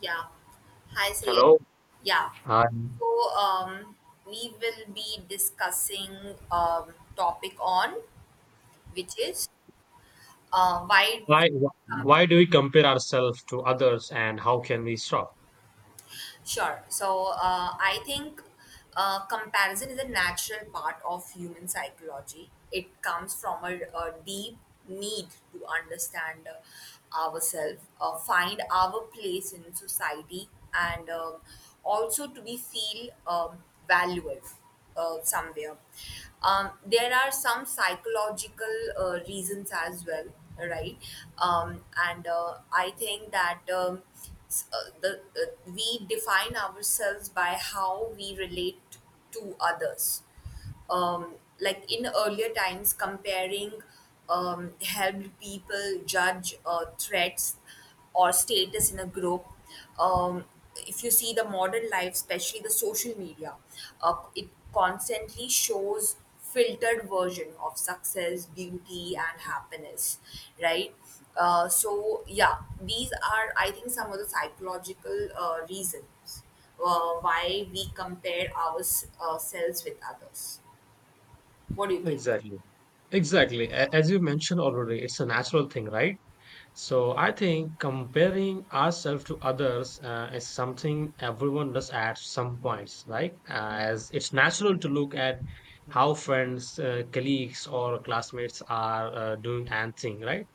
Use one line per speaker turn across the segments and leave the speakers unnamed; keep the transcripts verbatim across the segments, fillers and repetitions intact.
Yeah. Hi, Sayed.
Hello.
Yeah.
Hi.
So um, we will be discussing um, topic on which is uh, why we
Why, why do we compare ourselves to others and how can we stop?
sure. So uh, I think uh, comparison is a natural part of human psychology. It comes from a, a deep need to understand uh, ourselves, uh, find our place in society, and um also to be feel um, valuable uh, somewhere. Um, there are some psychological uh, reasons as well, right? Um, and uh, I think that um, s- uh, the uh, we define ourselves by how we relate to others um, like in earlier times, comparing um, helped people judge uh, threats or status in a group. Um, if you see the modern life, especially the social media, uh, it constantly shows filtered version of success, beauty, and happiness, right? Uh, so yeah, these are I think some of the psychological uh, reasons uh, why we compare ourselves with others. What do you think?
Exactly. Exactly. A- As you mentioned already, it's a natural thing, right? So I think comparing ourselves to others uh, is something everyone does at some points, right? Uh, as it's natural to look at how friends, uh, colleagues, or classmates are uh, doing and thing, right?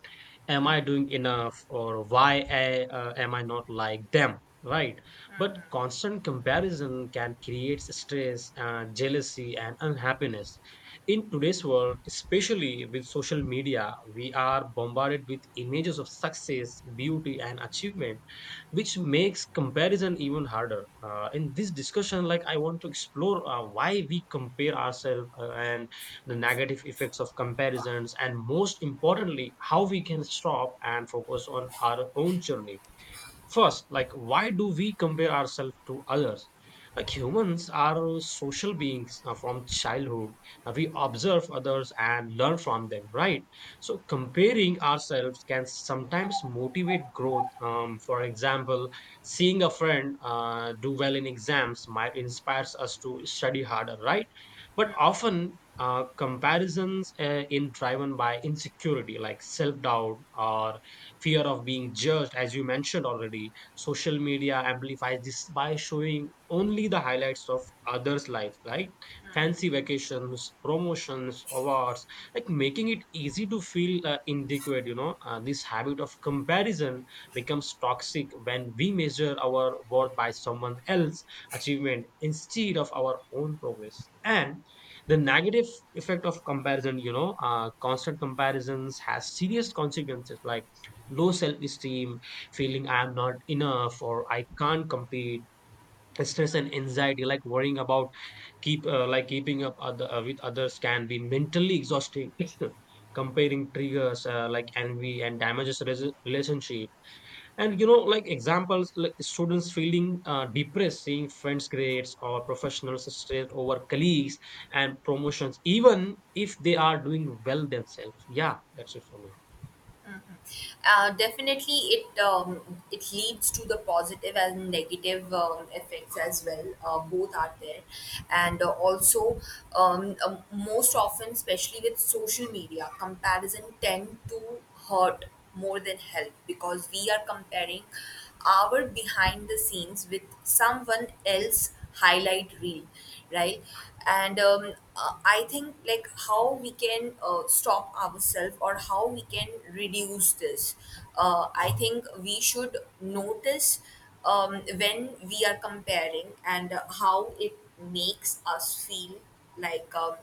Am I doing enough or why I, uh, am I not like them, right? But constant comparison can create stress and jealousy and unhappiness in today's world, especially with social media. We are bombarded with images of success, beauty, and achievement, which makes comparison even harder. Uh, in this discussion, like, I want to explore uh, why we compare ourselves uh, and the negative effects of comparisons, and most importantly, how we can stop and focus on our own journey. First, like, why do we compare ourselves to others? Like, humans are social beings uh, from childhood. Uh, we observe others and learn from them, right? So comparing ourselves can sometimes motivate growth. Um, for example, seeing a friend uh, do well in exams might inspires us to study harder, right? But often uh, comparisons uh, in driven by insecurity, like self doubt or fear of being judged, as you mentioned already. Social media amplifies this by showing only the highlights of others' life, right? Fancy vacations, promotions, awards, like making it easy to feel uh, inadequate. You know, uh, this habit of comparison becomes toxic when we measure our worth by someone else's achievement instead of our own progress. And the negative effect of comparison, you know, uh, constant comparisons has serious consequences like low self esteem, feeling I'm not enough or I can't compete, stress and anxiety, like worrying about keep uh, like keeping up other uh, with others can be mentally exhausting. Comparing triggers uh, like envy and damages res- relationship, and, you know, like examples like students feeling uh, depressed, seeing friends' grades or professional strength over colleagues and promotions, even if they are doing well themselves. Yeah, that's it for me.
Uh, definitely, it um, it leads to the positive and negative um, effects as well. Uh, both are there, and uh, also um, um, most often, especially with social media, comparison tend to hurt more than help because we are comparing hour behind the scenes with someone else highlight reel, right. And um, uh, I think like how we can uh, stop ourselves or how we can reduce this. uh, I think we should notice um, when we are comparing and uh, how it makes us feel. Like um,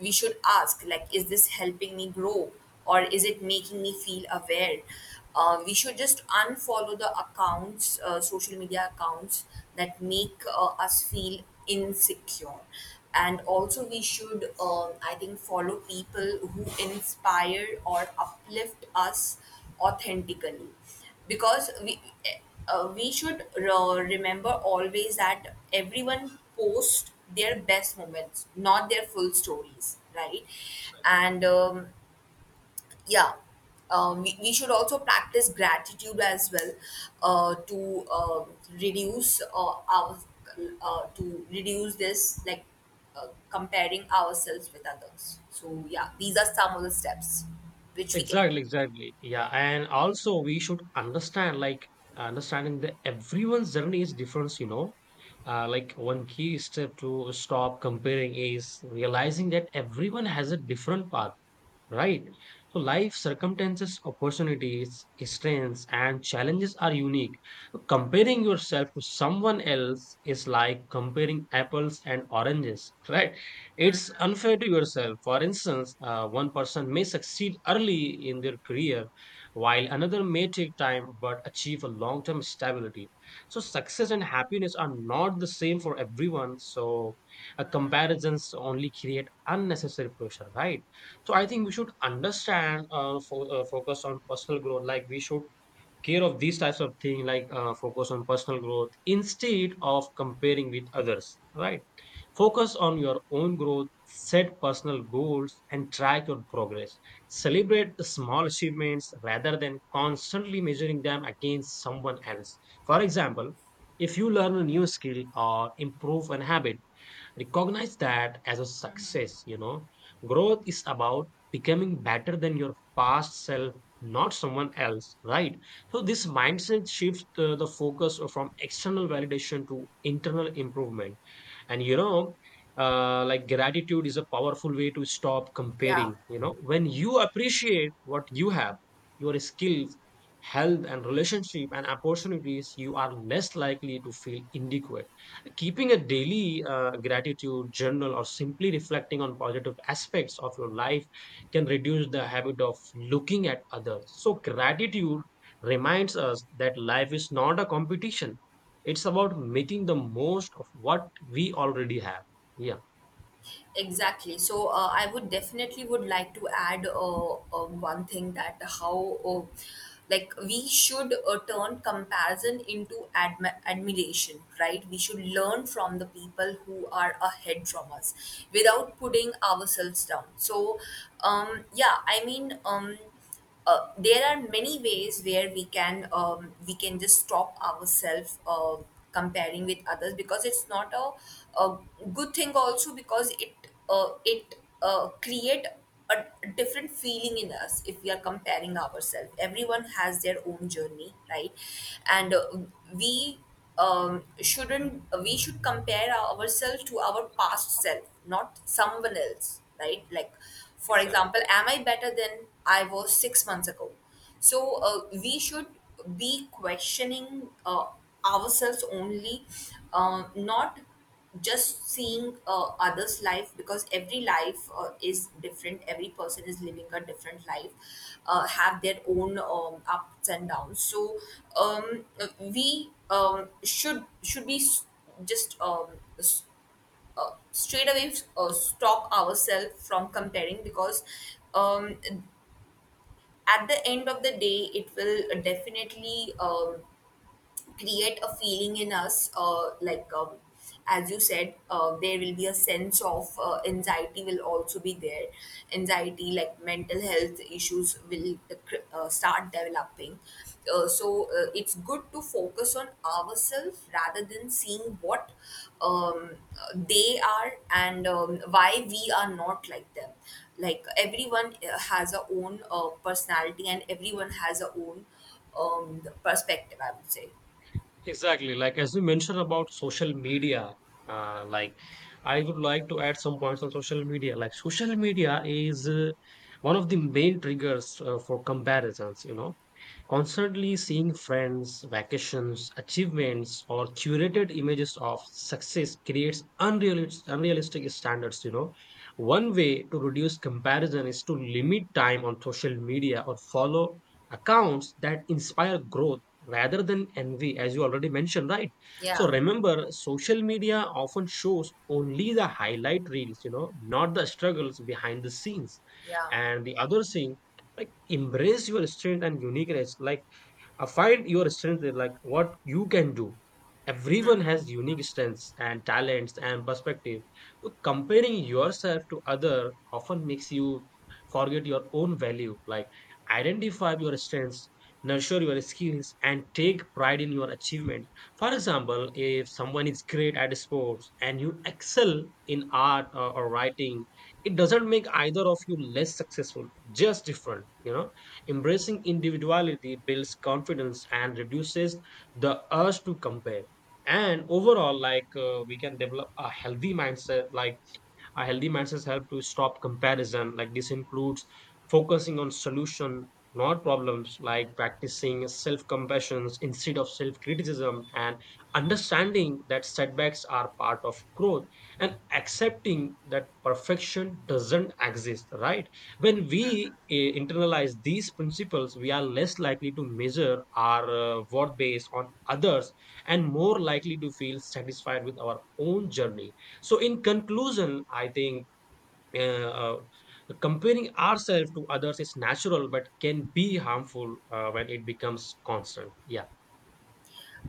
we should ask like is this helping me grow or is it making me feel aware? Uh, we should just unfollow the accounts, uh, social media accounts that make uh, us feel insecure. And also, we should, um, I think, follow people who inspire or uplift us authentically, because we uh, we should re- remember always that everyone posts their best moments, not their full stories, right. And um, yeah, um, we, we should also practice gratitude as well uh, to uh, reduce uh, our uh, to reduce this, like uh, comparing ourselves with others. So yeah, these are some of the steps which we can
Exactly, exactly. Yeah, and also we should understand, like, understanding that everyone's journey is different, you know. Uh, like, one key step to stop comparing is realizing that everyone has a different path. Right. So life circumstances, opportunities, strengths, and challenges are unique. So, comparing yourself to someone else is like comparing apples and oranges, right? It's unfair to yourself. For instance, uh, one person may succeed early in their career, while another may take time but achieve a long term stability. So, success and happiness are not the same for everyone. So, uh, comparisons only create unnecessary pressure, right? So I think we should understand, uh, fo- uh, focus on personal growth. Like, we should care of these types of thing, like, uh, focus on personal growth instead of comparing with others. Right? Focus on your own growth, set personal goals, and track your progress. Celebrate the small achievements rather than constantly measuring them against someone else. For example, if you learn a new skill or improve an habit, recognize that as a success. You know, growth is about becoming better than your past self, not someone else, right? So this mindset shifts uh, the focus from external validation to internal improvement. And, you know, uh, like, gratitude is a powerful way to stop
yeah.
comparing. You know, when you appreciate what you have, your skills, health and relationship and opportunities, you are less likely to feel inadequate. Keeping a daily uh, gratitude journal or simply reflecting on positive aspects of your life can reduce the habit of looking at others. So gratitude reminds us that life is not a competition. It's about making the most of what we already have. Yeah.
Exactly. So uh, I would definitely would like to add uh, uh, one thing: that how uh, like we should uh, turn comparison into admi- admiration, right? We should learn from the people who are ahead from us without putting ourselves down. So um, yeah, I mean, um, uh, there are many ways where we can um, we can just stop ourselves uh, comparing with others because it's not a, a good thing also because it uh, it uh, create a different feeling in us if we are comparing ourselves. Everyone has their own journey, right? And uh, we um, shouldn't we should compare our- ourselves to our past self, not someone else, right? Like for
Exactly.
example, am I better than I was six months ago? So uh, we should be questioning uh, ourselves only, um, not just seeing uh, others life, because every life uh, is different, every person is living a different life, uh, have their own um, ups and downs. So um, uh, we um, should should be s- just um, s- straight away uh, stop ourselves from comparing, because um, at the end of the day it will definitely um, create a feeling in us, uh, like um, as you said, uh, there will be a sense of uh, anxiety will also be there. Anxiety, like mental health issues will uh, start developing. Uh, so uh, it's good to focus on ourselves rather than seeing what um, uh, they are and um, why we are not like them. Like everyone uh, has a own uh, personality and everyone has a own um, perspective, I would say.
Exactly. Like, as you mentioned about social media, uh, like, I would like to add some points on social media. Like, social media is uh, one of the main triggers uh, for comparisons, you know. Constantly seeing friends, vacations, achievements, or curated images of success creates unrealis- unrealistic standards. You know, one way to reduce comparison is to limit time on social media or follow accounts that inspire growth rather than envy, as you already mentioned, right? So
Yeah,
remember, social media often shows only the highlight reels, you know, not the struggles behind the scenes.
yeah.
And the other thing, like, embrace your strength and uniqueness. Like, uh, find your strength in, like, what you can do. Everyone has unique strengths and talents and perspective. So comparing yourself to other often makes you forget your own value. Like, identify your strengths, nurture your skills, and take pride in your achievements. For example, if someone is great at sports and you excel in art or, or writing, it doesn't make either of you less successful, just different, you know. Embracing individuality builds confidence and reduces the urge to compare. And overall, like, uh, we can develop a healthy mindset, like, a healthy mindset helps to stop comparison. Like, this includes focusing on solution, not problems, like practicing self-compassion instead of self-criticism, and understanding that setbacks are part of growth and accepting that perfection doesn't exist, right? When we eh, internalize these principles, we are less likely to measure our uh, worth based on others and more likely to feel satisfied with our own journey. So, in conclusion, I think uh, uh, comparing ourselves to others is natural, but can be harmful uh, when it becomes constant. Yeah.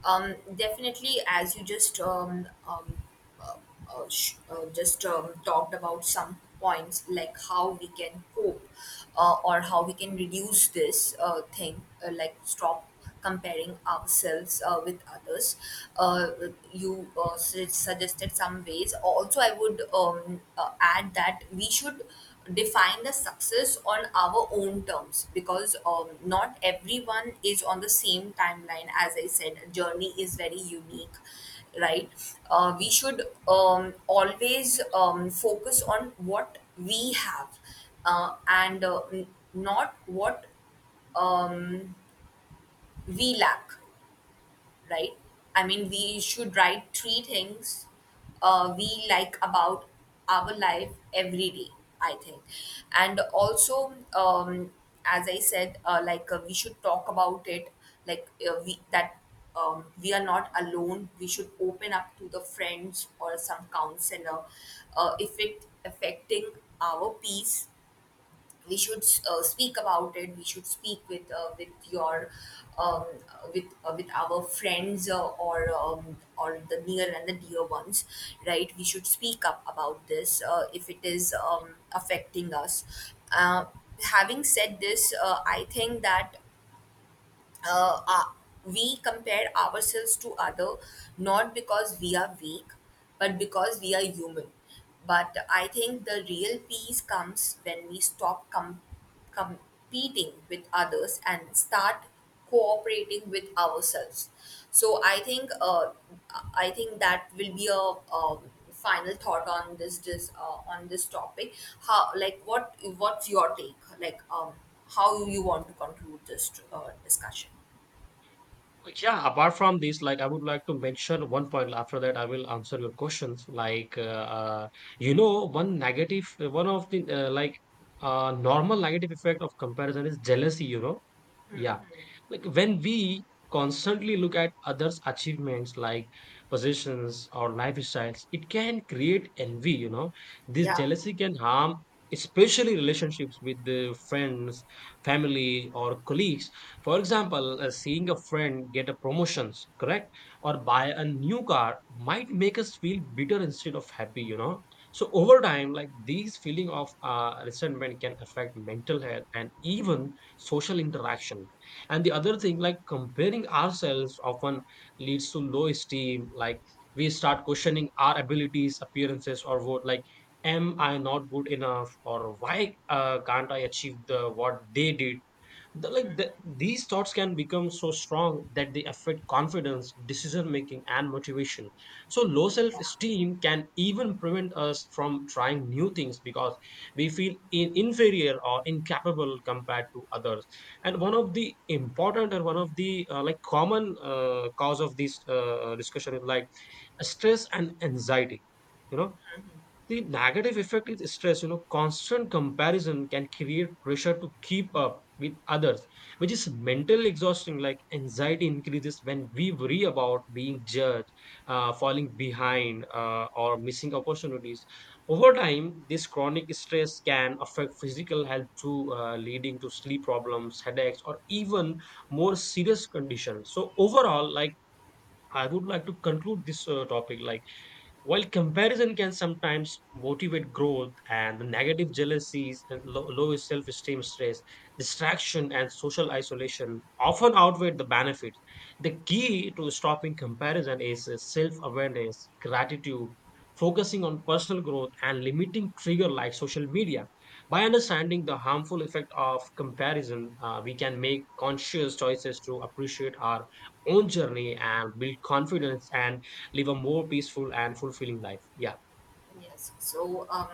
Um, definitely, as you just um, um, uh, uh, sh- uh, just um, talked about some points, like how we can cope uh, or how we can reduce this uh, thing, uh, like stop comparing ourselves uh, with others. Uh, you uh, su- suggested some ways. Also, I would um, uh, add that we should define the success on our own terms, because um, not everyone is on the same timeline. As I said, journey is very unique, right? Uh, we should um, always um, focus on what we have uh, and uh, n- not what we lack, right? I mean, we should write three things uh, we like about our life every day, I think. And also, um, as I said, uh, like uh, we should talk about it, like uh, we that um, we are not alone. We should open up to the friends or some counselor. Uh, if it affecting our peace, we should uh, speak about it. We should speak with uh, with your um, with uh, with our friends uh, or um, or the near and the dear ones, right? We should speak up about this uh, if it is um, affecting us. Uh, having said this, uh, I think that uh, uh, we compare ourselves to other not because we are weak but because we are human. But I think the real peace comes when we stop com- competing with others and start cooperating with ourselves. So I think uh, I think that will be a um, final thought on this, this uh, on this topic. How, like what what's your take, like um how you want to conclude this uh, discussion?
Yeah. Apart from this, like, I would like to mention one point. After that, I will answer your questions. Like, uh, uh, you know, one negative, one of the uh, like uh, normal negative effect of comparison is jealousy. You know, yeah. Like, when we constantly look at others' achievements, like positions or lifestyles, it can create envy, you know. This
Yeah,
jealousy can harm, especially relationships with the friends, family or colleagues. For example, uh, seeing a friend get a promotions, correct? Or buy a new car, might make us feel bitter instead of happy, you know. So over time, like, these feeling of uh, resentment can affect mental health and even social interaction. And the other thing, like, comparing ourselves often leads to low esteem. Like, we start questioning our abilities, appearances, or what, like, am I not good enough or why uh, can't I achieve the what they did? The, like the, these thoughts can become so strong that they affect confidence, decision making and motivation. So low self esteem can even prevent us from trying new things because we feel in, inferior or incapable compared to others. And one of the important and one of the uh, like common uh, cause of this uh, discussion is, like, stress and anxiety, you know. The negative effect is stress. You know, constant comparison can create pressure to keep up with others, which is mentally exhausting. Like, anxiety increases when we worry about being judged, uh, falling behind, uh, or missing opportunities. Over time, this chronic stress can affect physical health too, uh, leading to sleep problems, headaches, or even more serious conditions. So overall, like, I would like to conclude this uh, topic. Like, while comparison can sometimes motivate growth and the negative jealousies, and low, low self esteem, stress, distraction, and social isolation often outweigh the benefits. The key to stopping comparison is self awareness, gratitude, focusing on personal growth, and limiting trigger like social media. By understanding the harmful effect of comparison, uh, we can make conscious choices to appreciate our own journey and build confidence and live a more peaceful and fulfilling life. Yeah.
yes. So um,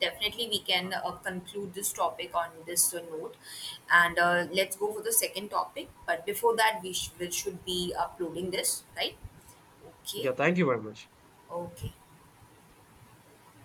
definitely we can uh, conclude this topic on this uh, note, and uh, let's go for the second topic. But before that, we, sh- we should be uploading this, right? Okay,
Yeah, thank you very much.
okay.